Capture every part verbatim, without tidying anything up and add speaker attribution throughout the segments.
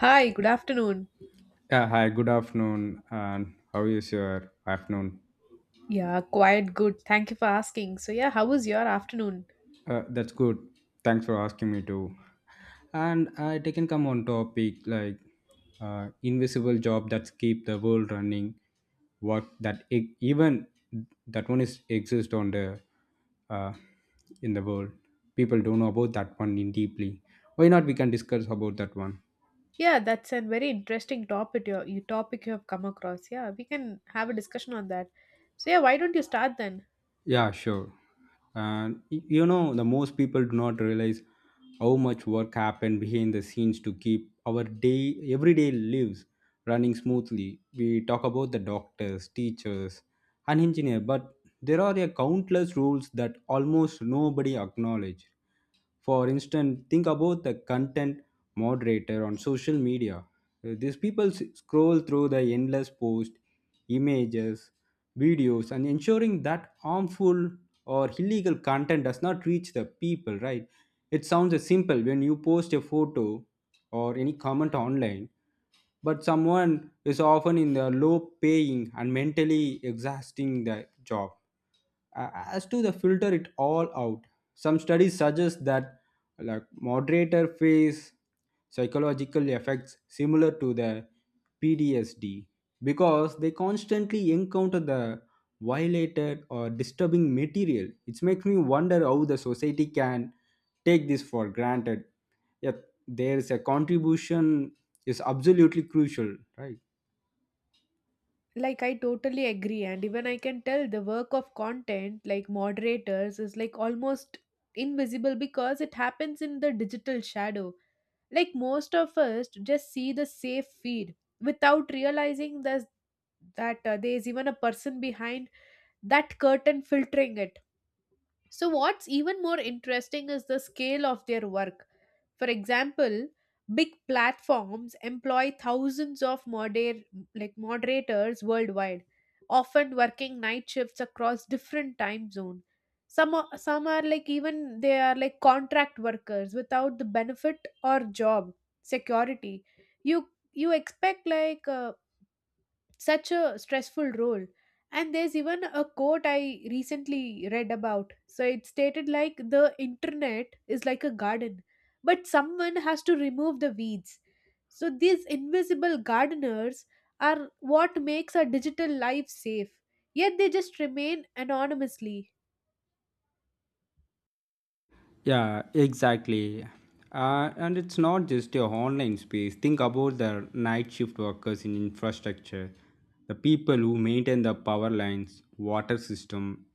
Speaker 1: Hi, good afternoon.
Speaker 2: Yeah, hi, good afternoon. And how is your afternoon?
Speaker 1: Yeah, quite good. Thank you for asking. So yeah, how was your afternoon?
Speaker 2: Uh, that's good. Thanks for asking me too. And I taken come on topic like uh, invisible job that keep the world running. Work that e- even that one is exist on the uh, in the world. People don't know about that one in deeply. Why not? We can discuss about that one.
Speaker 1: Yeah, that's a very interesting topic your you topic you have come across. Yeah, we can have a discussion on that. So yeah, why don't you start then?
Speaker 2: Yeah, sure. And y- you know, the most people do not realize how much work happened behind the scenes to keep our day, everyday lives running smoothly. We talk about the doctors, teachers, and engineer, but there are a countless rules that almost nobody acknowledge. For instance, think about the content moderator on social media. Uh, These people s- scroll through the endless posts, images, videos, and ensuring that harmful or illegal content does not reach the people, right? It sounds simple when you post a photo or any comment online, but someone is often in the low paying and mentally exhausting the job uh, as to the filter it all out. Some studies suggest that like moderator face psychological effects similar to the P T S D because they constantly encounter the violated or disturbing material. It makes me wonder how the society can take this for granted. Yet there is a contribution is absolutely crucial, right?
Speaker 1: like I totally agree, and even I can tell the work of content, like moderators, is like almost invisible because it happens in the digital shadow. Like most of us just see the safe feed without realizing that that uh, there is even a person behind that curtain filtering it. So what's even more interesting is the scale of their work. For example, big platforms employ thousands of moder- like moderators worldwide, often working night shifts across different time zones. Some are, some are like, even they are like contract workers without the benefit or job security. You you expect, like uh, such a stressful role, and there's even a quote I recently read about. So it stated like, the internet is like a garden, but someone has to remove the weeds. So these invisible gardeners are what makes our digital life safe, yet they just remain anonymously.
Speaker 2: Yeah, exactly. Uh, and it's not just your online space. Think about the night shift workers in infrastructure, the people who maintain the power lines, water system,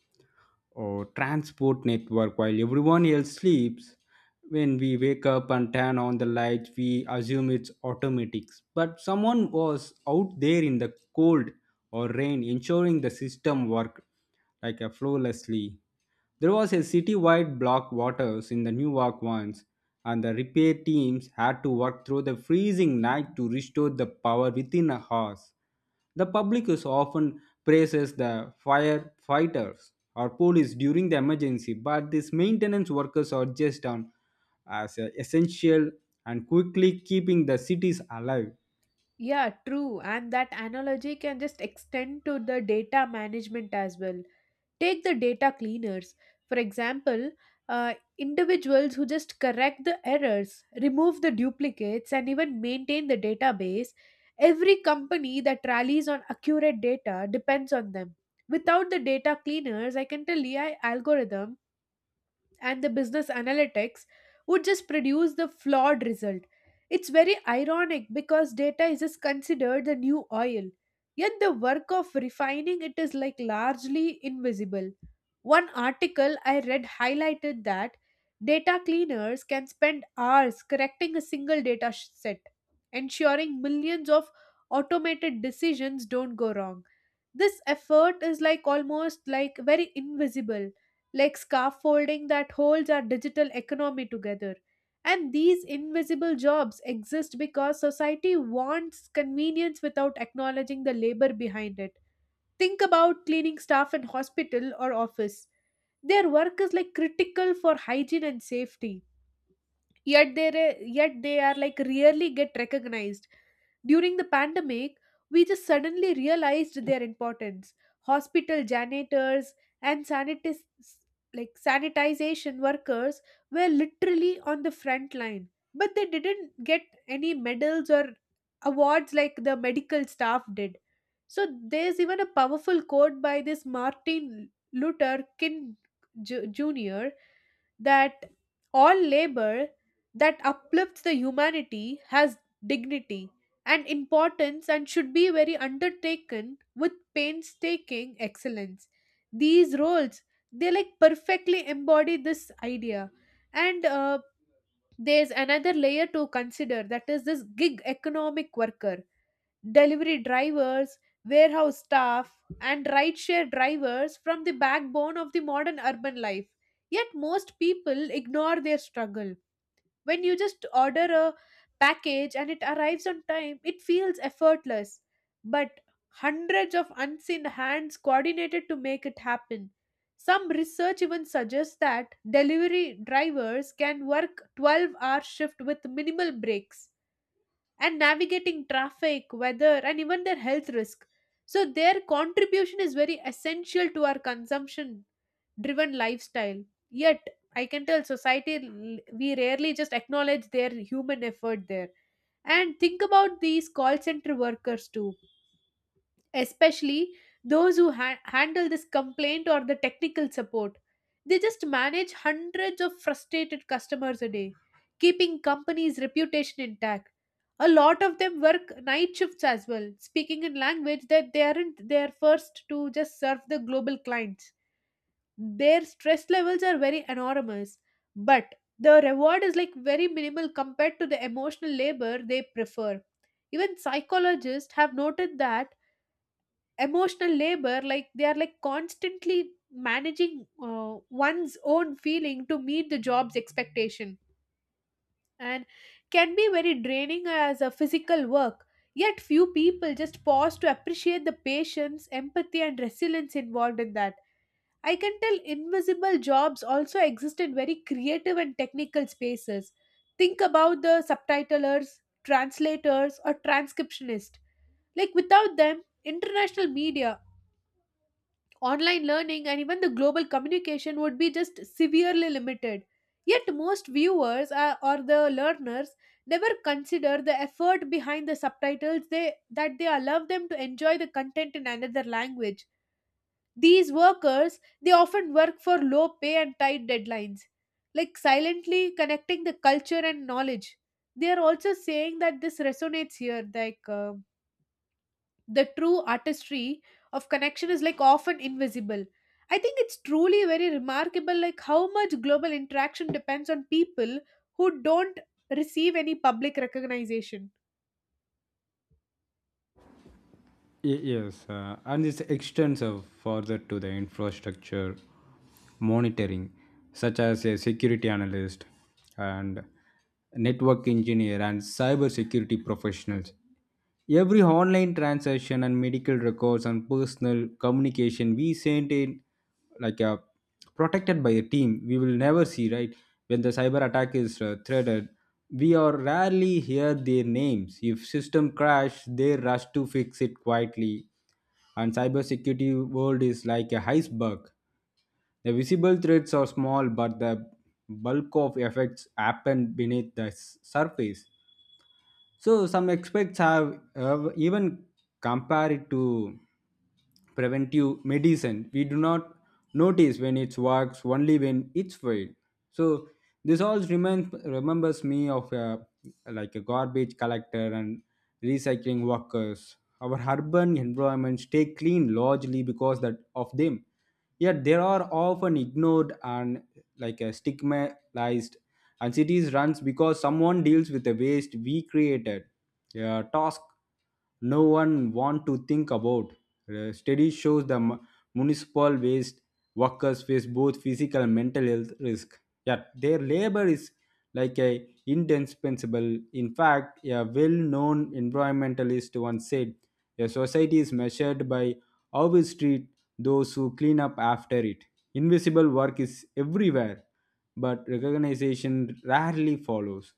Speaker 2: or transport network while everyone else sleeps. When we wake up and turn on the lights, we assume it's automatics. But someone was out there in the cold or rain ensuring the system worked like a flawlessly. There was a city-wide block waters in the Newark once, and the repair teams had to work through the freezing night to restore the power within a house. The public is often praises the firefighters or police during the emergency, but these maintenance workers are just on as uh, essential and quickly keeping the cities alive.
Speaker 1: Yeah, true. And that analogy can just extend to the data management as well. Take the data cleaners, for example. Uh, individuals who just correct the errors, remove the duplicates, and even maintain the database. Every company that rallies on accurate data depends on them. Without the data cleaners, I can tell A I algorithm and the business analytics would just produce the flawed result. It's very ironic because data is just considered the new oil, yet the work of refining it is like largely invisible. One article I read highlighted that data cleaners can spend hours correcting a single data sh- set, ensuring millions of automated decisions don't go wrong. This effort is like almost like very invisible, like scaffolding that holds our digital economy together. And these invisible jobs exist because society wants convenience without acknowledging the labor behind it. Think about cleaning staff in hospital or office. Their work is like critical for hygiene and safety, yet they yet they are like rarely get recognized. During the pandemic, we just suddenly realized their importance. Hospital janitors and sanitis like sanitization workers were literally on the front line, but they didn't get any medals or awards like the medical staff did. So there's even a powerful quote by this Martin Luther King Ju- jr that all labor that uplifts the humanity has dignity and importance, and should be very undertaken with painstaking excellence. These roles, they like perfectly embody this idea. And uh, there's another layer to consider, that is this gig economic worker: delivery drivers, warehouse staff, and rideshare drivers from the backbone of the modern urban life. Yet most people ignore their struggle. When you just order a package and it arrives on time, it feels effortless. But hundreds of unseen hands coordinated to make it happen. Some research even suggests that delivery drivers can work twelve hour shift with minimal breaks, and navigating traffic, weather, and even their health risk. So, their contribution is very essential to our consumption driven lifestyle. Yet, I can tell society, l- we rarely just acknowledge their human effort there. And think about these call center workers too, especially those who ha- handle this complaint or the technical support. They just manage hundreds of frustrated customers a day, keeping company's reputation intact. A lot of them work night shifts as well, speaking in language that they aren't there first to just serve the global clients. Their stress levels are very enormous, but the reward is like very minimal compared to the emotional labor they prefer. Even psychologists have noted that emotional labor, like they are like constantly managing uh, one's own feeling to meet the job's expectation, and can be very draining as a physical work. Yet few people just pause to appreciate the patience, empathy and resilience involved in that. I can tell invisible jobs also exist in very creative and technical spaces. Think about the subtitlers, translators or transcriptionists. Like without them, international media, online learning and even the global communication would be just severely limited. Yet, most viewers uh, or the learners never consider the effort behind the subtitles they, that they allow them to enjoy the content in another language. These workers, they often work for low pay and tight deadlines, like silently connecting the culture and knowledge. They are also saying that this resonates here, like uh, the true artistry of connection is like often invisible. I think it's truly very remarkable, like how much global interaction depends on people who don't receive any public recognition.
Speaker 2: Y- Yes, uh, and it's extensive further to the infrastructure monitoring, such as a security analyst and network engineer and cybersecurity professionals. Every online transaction and medical records and personal communication we sent in like a protected by a team we will never see, right? When the cyber attack is uh, threatened, we are rarely hear their names. If system crash, they rush to fix it quietly. And cybersecurity world is like a iceberg. The visible threats are small, but the bulk of effects happen beneath the s- surface. So some experts have have even compared it to preventive medicine. We do not notice when it works, only when it's failed. So this all reminds remembers me of a, like a garbage collector and recycling workers. Our urban environments stay clean largely because that of them, yet they are often ignored and like uh, stigmatized. And cities runs because someone deals with the waste we created, a task no one want to think about. A study shows the mu- municipal waste workers face both physical and mental health risk, yet their labor is like a indispensable. In fact, a well-known environmentalist once said a society is measured by how we treat those who clean up after it. Invisible work is everywhere, but recognition rarely follows.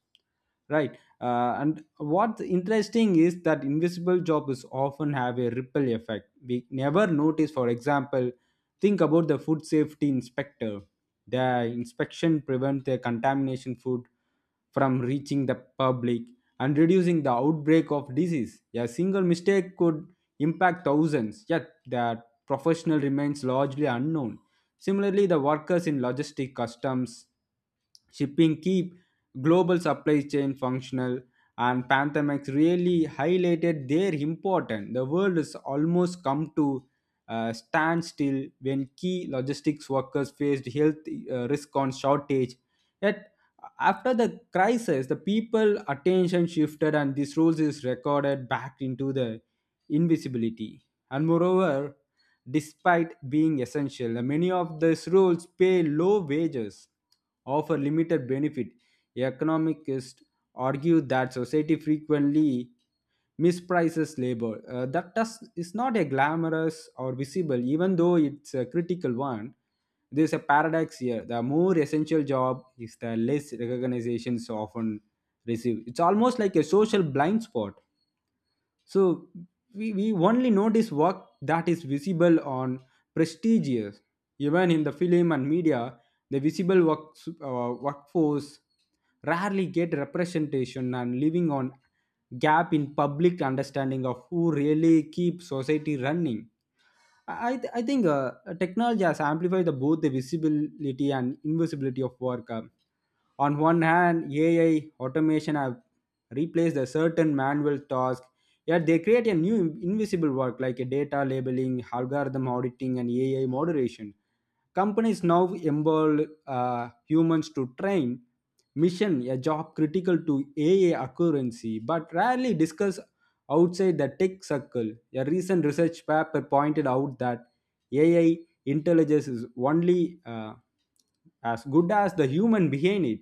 Speaker 2: Right. Uh, and what's interesting is that invisible jobs often have a ripple effect we never notice. For example, think about the food safety inspector. The inspection prevents the contamination food from reaching the public and reducing the outbreak of disease. A single mistake could impact thousands, yet the professional remains largely unknown. Similarly, the workers in logistic customs shipping keep global supply chain functional, and pandemics really highlighted their importance. The world has almost come to uh, standstill when key logistics workers faced health uh, risk on shortage. Yet, after the crisis, the people attention shifted, and these rules is recorded back into the invisibility. And moreover, despite being essential, many of these roles pay low wages, offer limited benefit. Economists argue that society frequently misprices labor. Uh, that does, is not a glamorous or visible, even though it's a critical one. There's a paradox here. The more essential job is, the less recognitions often receive. It's almost like a social blind spot. So we, we only notice work that is visible on prestigious. Even in the film and media, the visible work, uh, workforce rarely get representation and living on gap in public understanding of who really keeps society running. I, I think uh, technology has amplified the, both the visibility and invisibility of work. Uh, on one hand, A I automation have replaced a certain manual task, yet they create a new invisible work like a data labeling, algorithm auditing, and A I moderation. Companies now involve uh, humans to train mission a job critical to A I accuracy, but rarely discuss outside the tech circle. A recent research paper pointed out that A I intelligence is only uh, as good as the human behind it.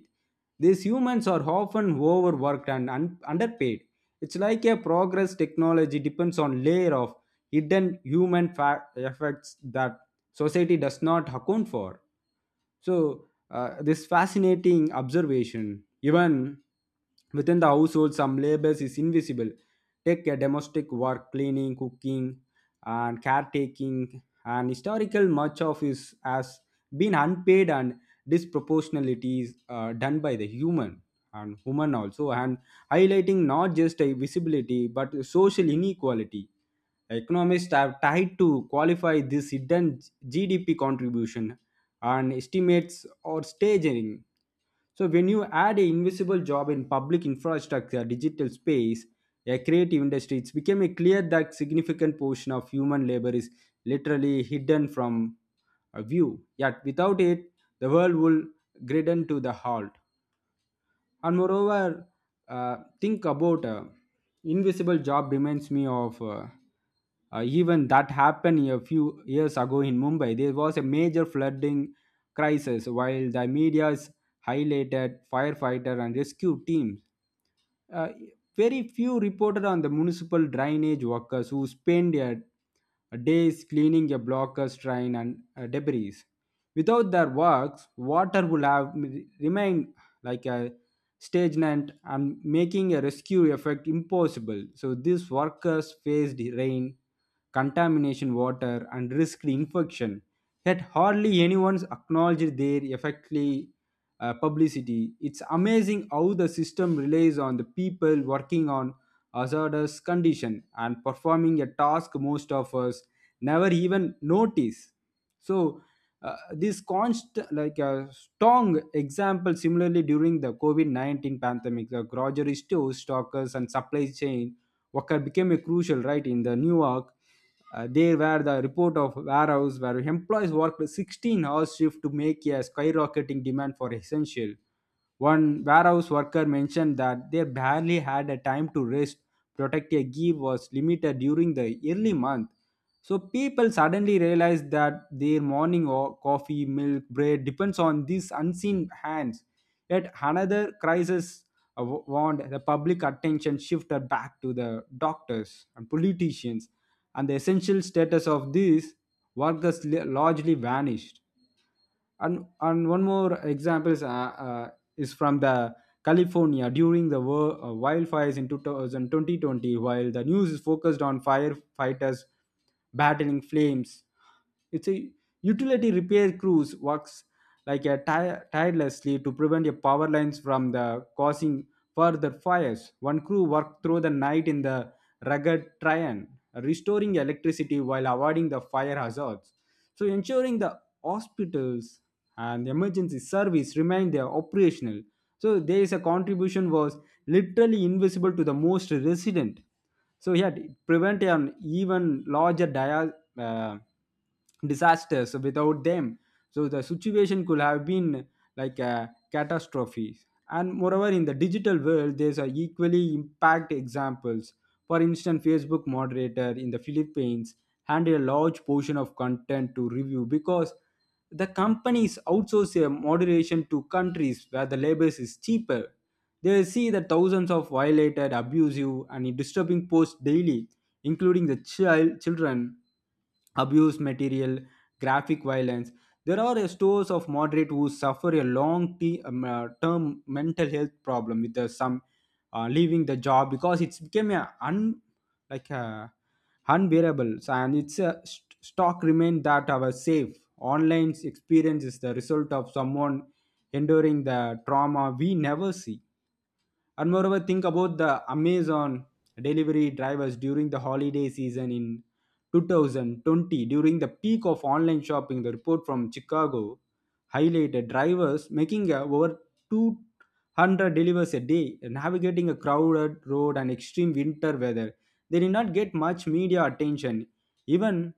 Speaker 2: These humans are often overworked and un- underpaid. It's like a progress technology depends on layer of hidden human fa- effects that society does not account for. So, uh, this fascinating observation, even within the household, some labors is invisible. Take a domestic work, cleaning, cooking, and caretaking, and historical much of is has been unpaid and disproportionalities uh, done by the human and women also and highlighting not just a visibility but social inequality. Economists have tried to qualify this hidden G D P contribution, and estimates or staggering. So when you add an invisible job in public infrastructure, digital space, a creative industry, it's becoming clear that significant portion of human labor is literally hidden from a view. Yet without it, the world will grind to the halt. And moreover, uh, think about uh, invisible job reminds me of uh, uh, even that happened a few years ago in Mumbai. There was a major flooding crisis while the media is highlighted firefighter and rescue teams. uh, Very few reported on the municipal drainage workers who spend a, a days cleaning a blockers, train, and uh, debris. Without their works, water would have m- remained like a stagnant and making a rescue effect impossible. So these workers faced rain, contamination water, and risked infection. Yet hardly anyone's acknowledged their effectively uh, publicity. It's amazing how the system relies on the people working on hazardous condition and performing a task most of us never even notice. So uh, this constant like a strong example. Similarly, during the covid nineteen pandemic, the grocery stores stockers and supply chain worker became a crucial right in the New York. Uh, there were the report of warehouse where employees worked sixteen hours shift to make a skyrocketing demand for essential. One warehouse worker mentioned that they barely had a time to rest. Protect a give was limited during the early month. So people suddenly realized that their morning or coffee, milk, bread depends on these unseen hands. Yet another crisis uh, wa- want the public attention shifted back to the doctors and politicians, and the essential status of these workers li- largely vanished. And and one more example is, uh, uh, is from the california during the wor- uh, wildfires in two thousand two thousand twenty. While the news is focused on firefighters battling flames, it's a utility repair crews works like a ti- tirelessly to prevent your power lines from the causing further fires. One crew worked through the night in the rugged terrain, restoring electricity while avoiding the fire hazards. So ensuring the hospitals and the emergency service remained there operational. So there is a contribution was literally invisible to the most resident. So yet prevent an even larger dia- uh, disasters without them. So the situation could have been like a catastrophe. And moreover, in the digital world, there's a equally impact examples. For instance, facebook moderator in the philippines handle a large portion of content to review because the companies outsource their moderation to countries where the labor is cheaper. They see the thousands of violated abusive and disturbing posts daily, including the child children abuse material, graphic violence. There are a stores of moderate who suffer a long te- um, uh, term mental health problem, with uh, some uh, leaving the job because it's became a un like a unbearable. So, and it's a st- stock remain that our safe online experience is the result of someone enduring the trauma we never see. And moreover, think about the Amazon delivery drivers during the holiday season in two thousand twenty, during the peak of online shopping. The report from Chicago highlighted drivers making uh, over two hundred delivers a day, navigating a crowded road and extreme winter weather. They did not get much media attention, even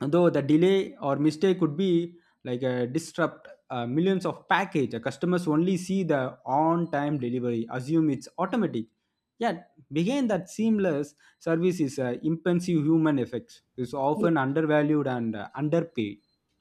Speaker 2: though the delay or mistake could be like a disrupt uh, millions of package. Uh, customers only see the on time delivery assume it's automatic, yet behind that seamless service is uh, impensive human effects is often undervalued and uh, underpaid.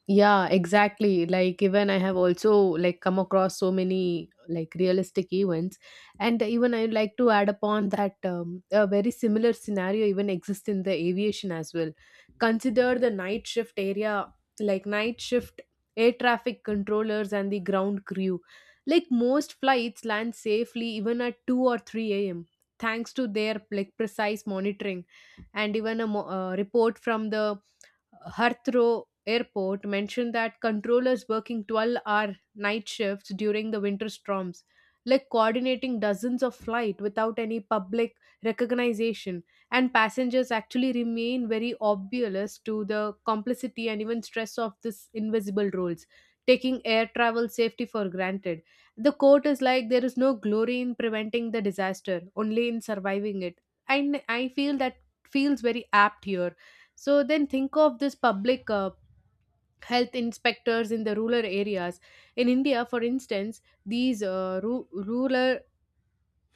Speaker 1: Yeah, exactly. Like, even I have also like come across so many like realistic events, and even I would like to add upon that um, a very similar scenario even exists in the aviation as well. Consider the night shift area, like night shift air traffic controllers and the ground crew. Like most flights land safely even at two or three a m thanks to their like precise monitoring, and even a mo- uh, report from the Heathrow Airport mentioned that controllers working twelve-hour night shifts during the winter storms, like coordinating dozens of flights without any public recognition, and passengers actually remain very oblivious to the complicity and even stress of this invisible roles, taking air travel safety for granted. The quote is like, there is no glory in preventing the disaster, only in surviving it. And I feel that feels very apt here. So then think of this public uh, health inspectors in the rural areas. In India, for instance, these uh, ru- rural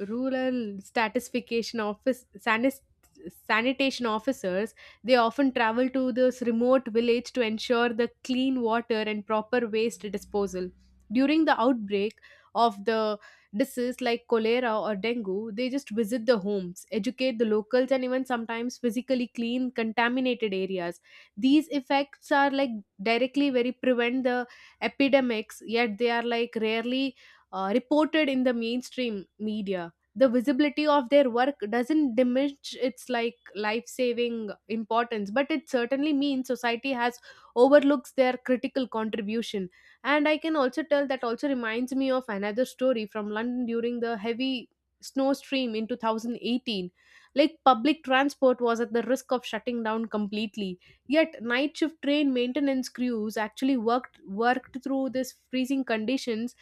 Speaker 1: rural statistification office sanis- sanitation officers, they often travel to this remote village to ensure the clean water and proper waste disposal. During the outbreak of the disease like cholera or dengue, they just visit the homes, educate the locals, and even sometimes physically clean contaminated areas. These effects are like directly very prevent the epidemics, yet they are like rarely uh, reported in the mainstream media. The visibility of their work doesn't diminish its like life saving importance, but it certainly means society has overlooks their critical contribution. And I can also tell that also reminds me of another story from London during the heavy snowstorm in two thousand eighteen. Like public transport was at the risk of shutting down completely, yet night shift train maintenance crews actually worked worked through this freezing conditions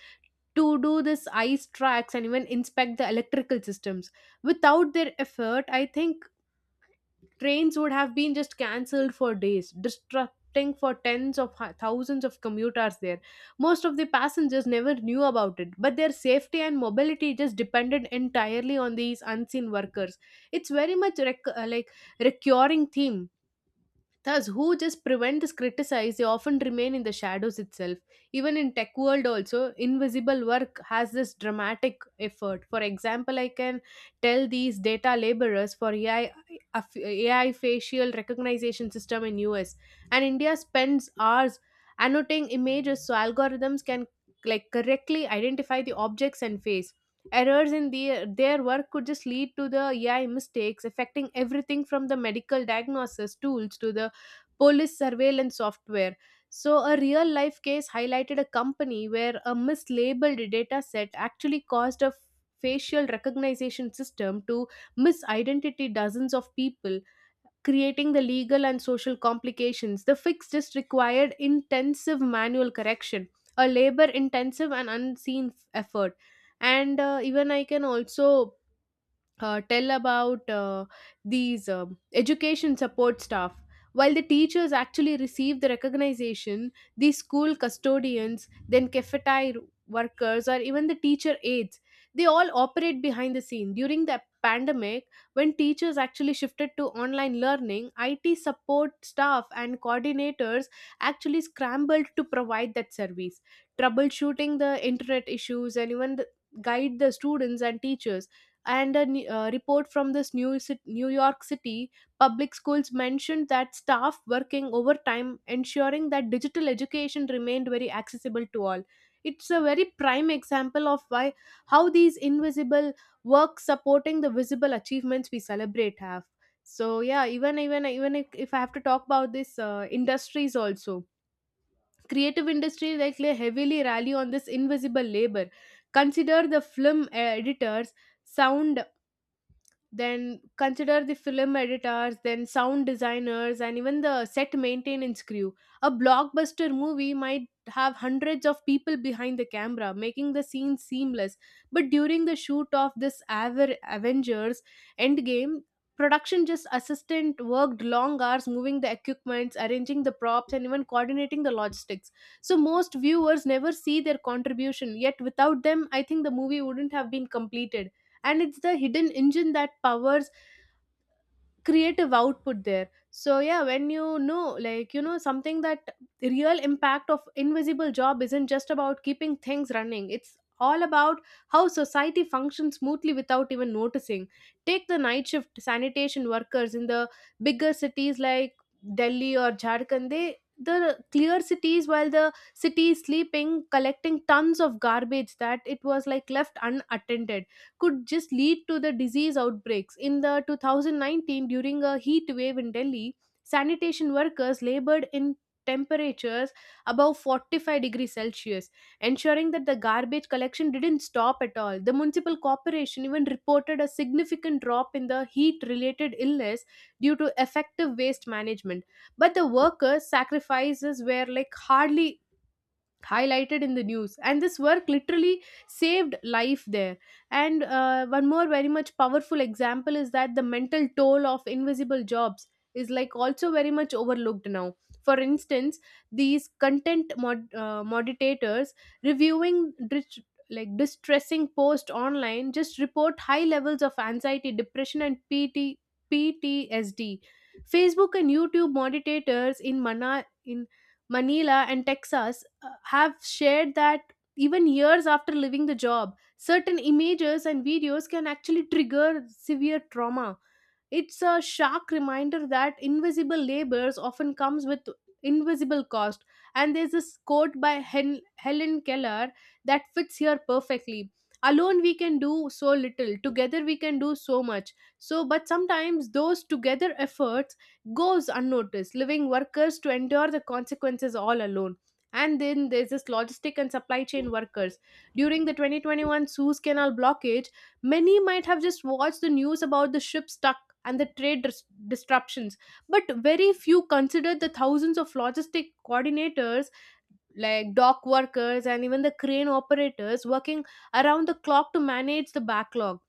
Speaker 1: to do this ice tracks and even inspect the electrical systems. Without their effort, I think trains would have been just cancelled for days, disrupting for tens of hu- thousands of commuters there. Most of the passengers never knew about it, but their safety and mobility just depended entirely on these unseen workers. It's very much rec- uh, like recurring theme. Thus, who just prevent this criticize, they often remain in the shadows itself. Even in tech world also, invisible work has this dramatic effort. For example, I can tell these data laborers for A I, aff- A I facial recognition system in U S and India spends hours annotating images so algorithms can like correctly identify the objects and face. Errors in the, their work could just lead to the A I mistakes affecting everything from the medical diagnosis tools to the police surveillance software. So, a real life case highlighted a company where a mislabeled data set actually caused a facial recognition system to misidentify dozens of people, creating the legal and social complications. The fix just required intensive manual correction, a labor intensive and unseen f- effort. And uh, even I can also uh, tell about uh, these um education support staff. While the teachers actually receive the recognition, the school custodians, then cafeteria workers, or even the teacher aides, they all operate behind the scene. During the pandemic, when teachers actually shifted to online learning, I T support staff and coordinators actually scrambled to provide that service, troubleshooting the internet issues and even the, guide the students and teachers and a ne- uh, report from this new, Ci- new york city public schools mentioned that staff working overtime ensuring that digital education remained very accessible to all. It's a very prime example of why how these invisible work supporting the visible achievements we celebrate have. So yeah, even even even if, if I have to talk about this uh, industries also, creative industry, like they heavily rally on this invisible labor. Consider the film uh, editors sound then consider the film editors, then sound designers and even the set maintenance crew. A blockbuster movie might have hundreds of people behind the camera making the scene seamless. But during the shoot of this Aver- avengers endgame production, just assistant worked long hours moving the equipments, arranging the props, and even coordinating the logistics. So most viewers never see their contribution, yet without them I think the movie wouldn't have been completed, and it's the hidden engine that powers creative output there. So yeah, when you know like you know something that the real impact of invisible job isn't just about keeping things running, it's all about how society functions smoothly without even noticing. Take the night shift sanitation workers in the bigger cities like delhi or jharkhand, they the clear cities while the city is sleeping, collecting tons of garbage that it was like left unattended, could just lead to the disease outbreaks. In the two thousand nineteen, during a heat wave in Delhi, sanitation workers labored in temperatures above forty-five degrees Celsius, ensuring that the garbage collection didn't stop at all. The municipal corporation even reported a significant drop in the heat related illness due to effective waste management. But the workers' sacrifices were like hardly highlighted in the news, and this work literally saved life there. And uh, one more very much powerful example is that the mental toll of invisible jobs is like also very much overlooked now. For instance, these content mod- uh, moderators reviewing dis- like distressing post online just report high levels of anxiety, depression, and P T- ptsd. Facebook and youtube moderators in mana in manila and texas uh, have shared that even years after leaving the job, certain images and videos can actually trigger severe trauma. It's a stark reminder that invisible labors often comes with invisible cost. And there's this quote by Hen- Helen Keller that fits here perfectly. Alone we can do so little, together we can do so much. So but sometimes those together efforts goes unnoticed, leaving workers to endure the consequences all alone. And then there's this logistic and supply chain workers. During the twenty twenty-one Suez Canal blockage, many might have just watched the news about the ship stuck and the trade dis- disruptions, but very few consider the thousands of logistic coordinators like dock workers and even the crane operators working around the clock to manage the backlog.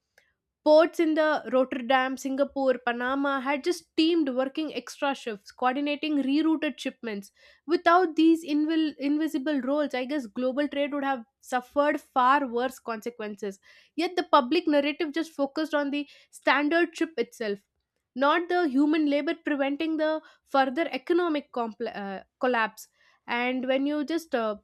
Speaker 1: Ports in the Rotterdam, Singapore, Panama had just teamed working extra shifts, coordinating rerouted shipments. Without these invil- invisible roles, I guess global trade would have suffered far worse consequences. Yet the public narrative just focused on the standard ship itself, not the human labor preventing the further economic compl- uh, collapse. And when you just uh,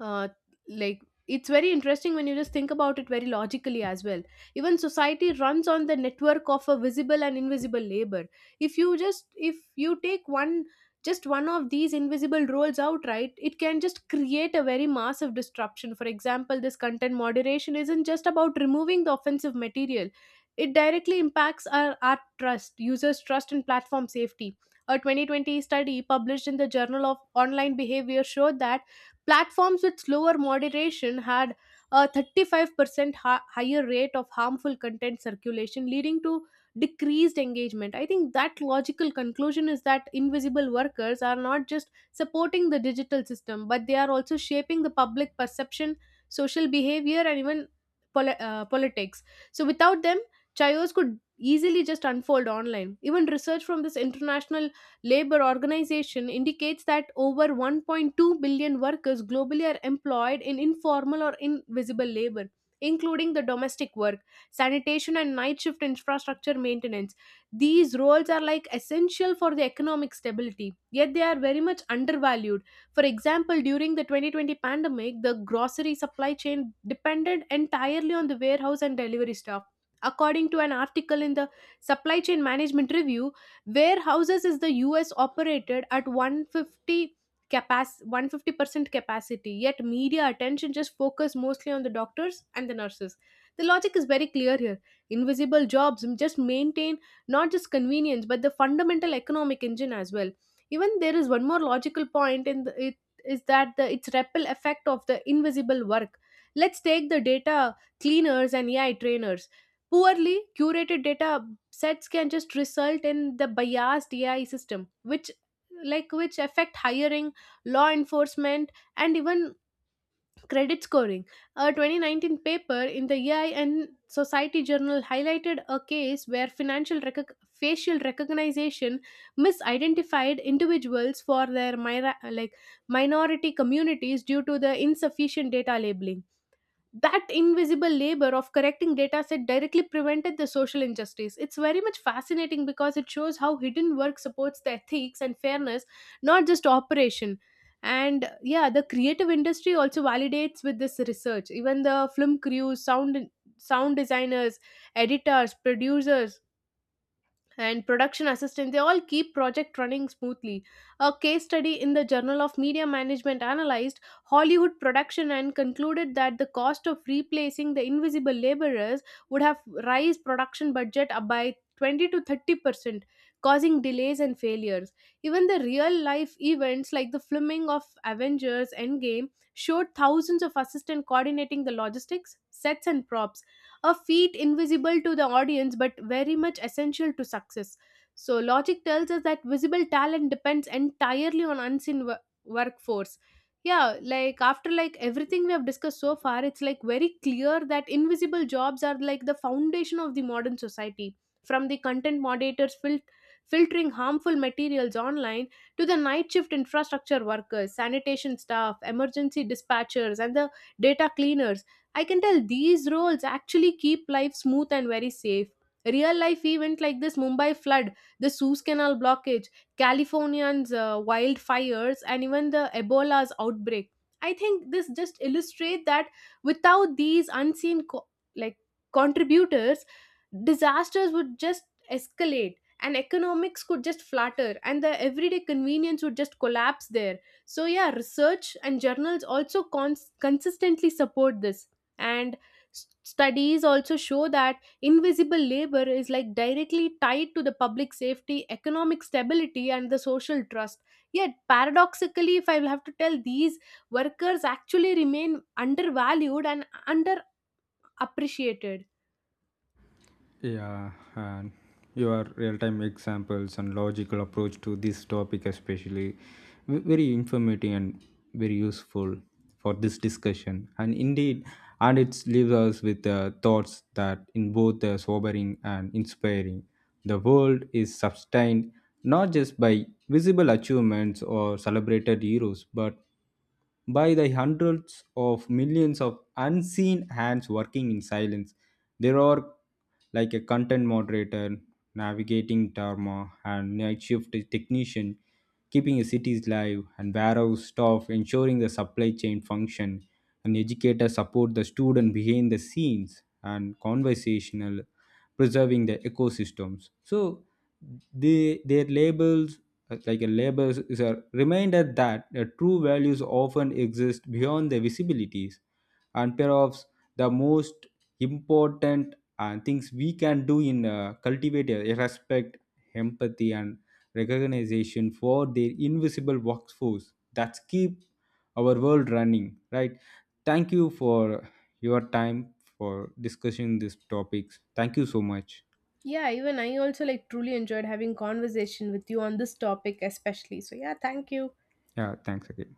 Speaker 1: uh, like it's very interesting when you just think about it very logically as well. Even society runs on the network of a visible and invisible labor. If you just if you take one just one of these invisible roles out, right, it can just create a very massive disruption. For example, this content moderation isn't just about removing the offensive material, it directly impacts our, our trust, users trust and platform safety. A twenty twenty study published in the journal of online behavior showed that platforms with slower moderation had a thirty-five percent ha- higher rate of harmful content circulation, leading to decreased engagement. I think that logical conclusion is that invisible workers are not just supporting the digital system, but they are also shaping the public perception, social behavior, and even poli- uh, politics. So without them, chaos could easily just unfold online. Even research from this international Labor Organization indicates that over one point two billion workers globally are employed in informal or invisible labor, including the domestic work, sanitation, and night shift infrastructure maintenance. These roles are like essential for the economic stability, yet they are very much undervalued. For example, during the twenty twenty pandemic, the grocery supply chain depended entirely on the warehouse and delivery staff. According to an article in the Supply Chain Management Review, warehouses is the US operated at one hundred fifty capac one hundred fifty percent capacity, yet media attention just focus mostly on the doctors and the nurses. The logic is very clear here. Invisible jobs just maintain not just convenience but the fundamental economic engine as well. Even there is one more logical point in the, it is that the its ripple effect of the invisible work. Let's take the data cleaners and AI trainers. Poorly curated data sets can just result in the biased A I system, which like which affect hiring, law enforcement, and even credit scoring. A twenty nineteen paper in the A I and Society Journal highlighted a case where financial recog- facial recognition misidentified individuals for their mira- like minority communities due to the insufficient data labeling. That invisible labor of correcting data set directly prevented the social injustice. It's very much fascinating because it shows how hidden work supports the ethics and fairness, not just operation. And yeah, the creative industry also validates with this research. Even the film crews, sound sound designers, editors, producers, and production assistants, they all keep project running smoothly. A case study in the journal of media management analyzed hollywood production and concluded that the cost of replacing the invisible laborers would have raised production budget up by twenty to thirty percent, causing delays and failures. Even the real life events like the filming of avengers endgame showed thousands of assistants coordinating the logistics, sets and props, a feat invisible to the audience but very much essential to success. So, logic tells us that visible talent depends entirely on unseen wo- workforce. Yeah, like after like everything we have discussed so far, it's like very clear that invisible jobs are like the foundation of the modern society. From the content moderators fil- filtering harmful materials online to the night shift infrastructure workers, sanitation staff, emergency dispatchers, and the data cleaners, I can tell these roles actually keep life smooth and very safe. Real life event like this Mumbai flood, the Suez Canal blockage, Californians uh, wildfires, and even the Ebola's outbreak. I think this just illustrate that without these unseen co- like contributors, disasters would just escalate and economics could just flutter and the everyday convenience would just collapse there. So yeah, research and journals also cons- consistently support this. And s- studies also show that invisible labor is like directly tied to the public safety, economic stability and the social trust. Yet paradoxically, if I will have to tell, these workers actually remain undervalued and underappreciated.
Speaker 2: Yeah, and your real time examples and logical approach to this topic, especially, v- very informative and very useful for this discussion. And indeed, and it leaves us with uh, thoughts that in both uh, sobering and inspiring. The world is sustained not just by visible achievements or celebrated heroes, but by the hundreds of millions of unseen hands working in silence. There are like a content moderator, navigating Dharma, and night shift technician, keeping the cities live, and warehouse staff ensuring the supply chain function, and educator support the student behind the scenes, and conversational preserving the ecosystems. So the their labels, uh, like a labels is a reminder that the true values often exist beyond the visibilities and pair of the most important uh, things we can do in uh, cultivate a respect, empathy, and recognition for their invisible workforce that keep our world running, right? Thank you for your time for discussing these topics. Thank you so much.
Speaker 1: Yeah, even I also like truly enjoyed having conversation with you on this topic especially. So yeah, thank you.
Speaker 2: Yeah, thanks again.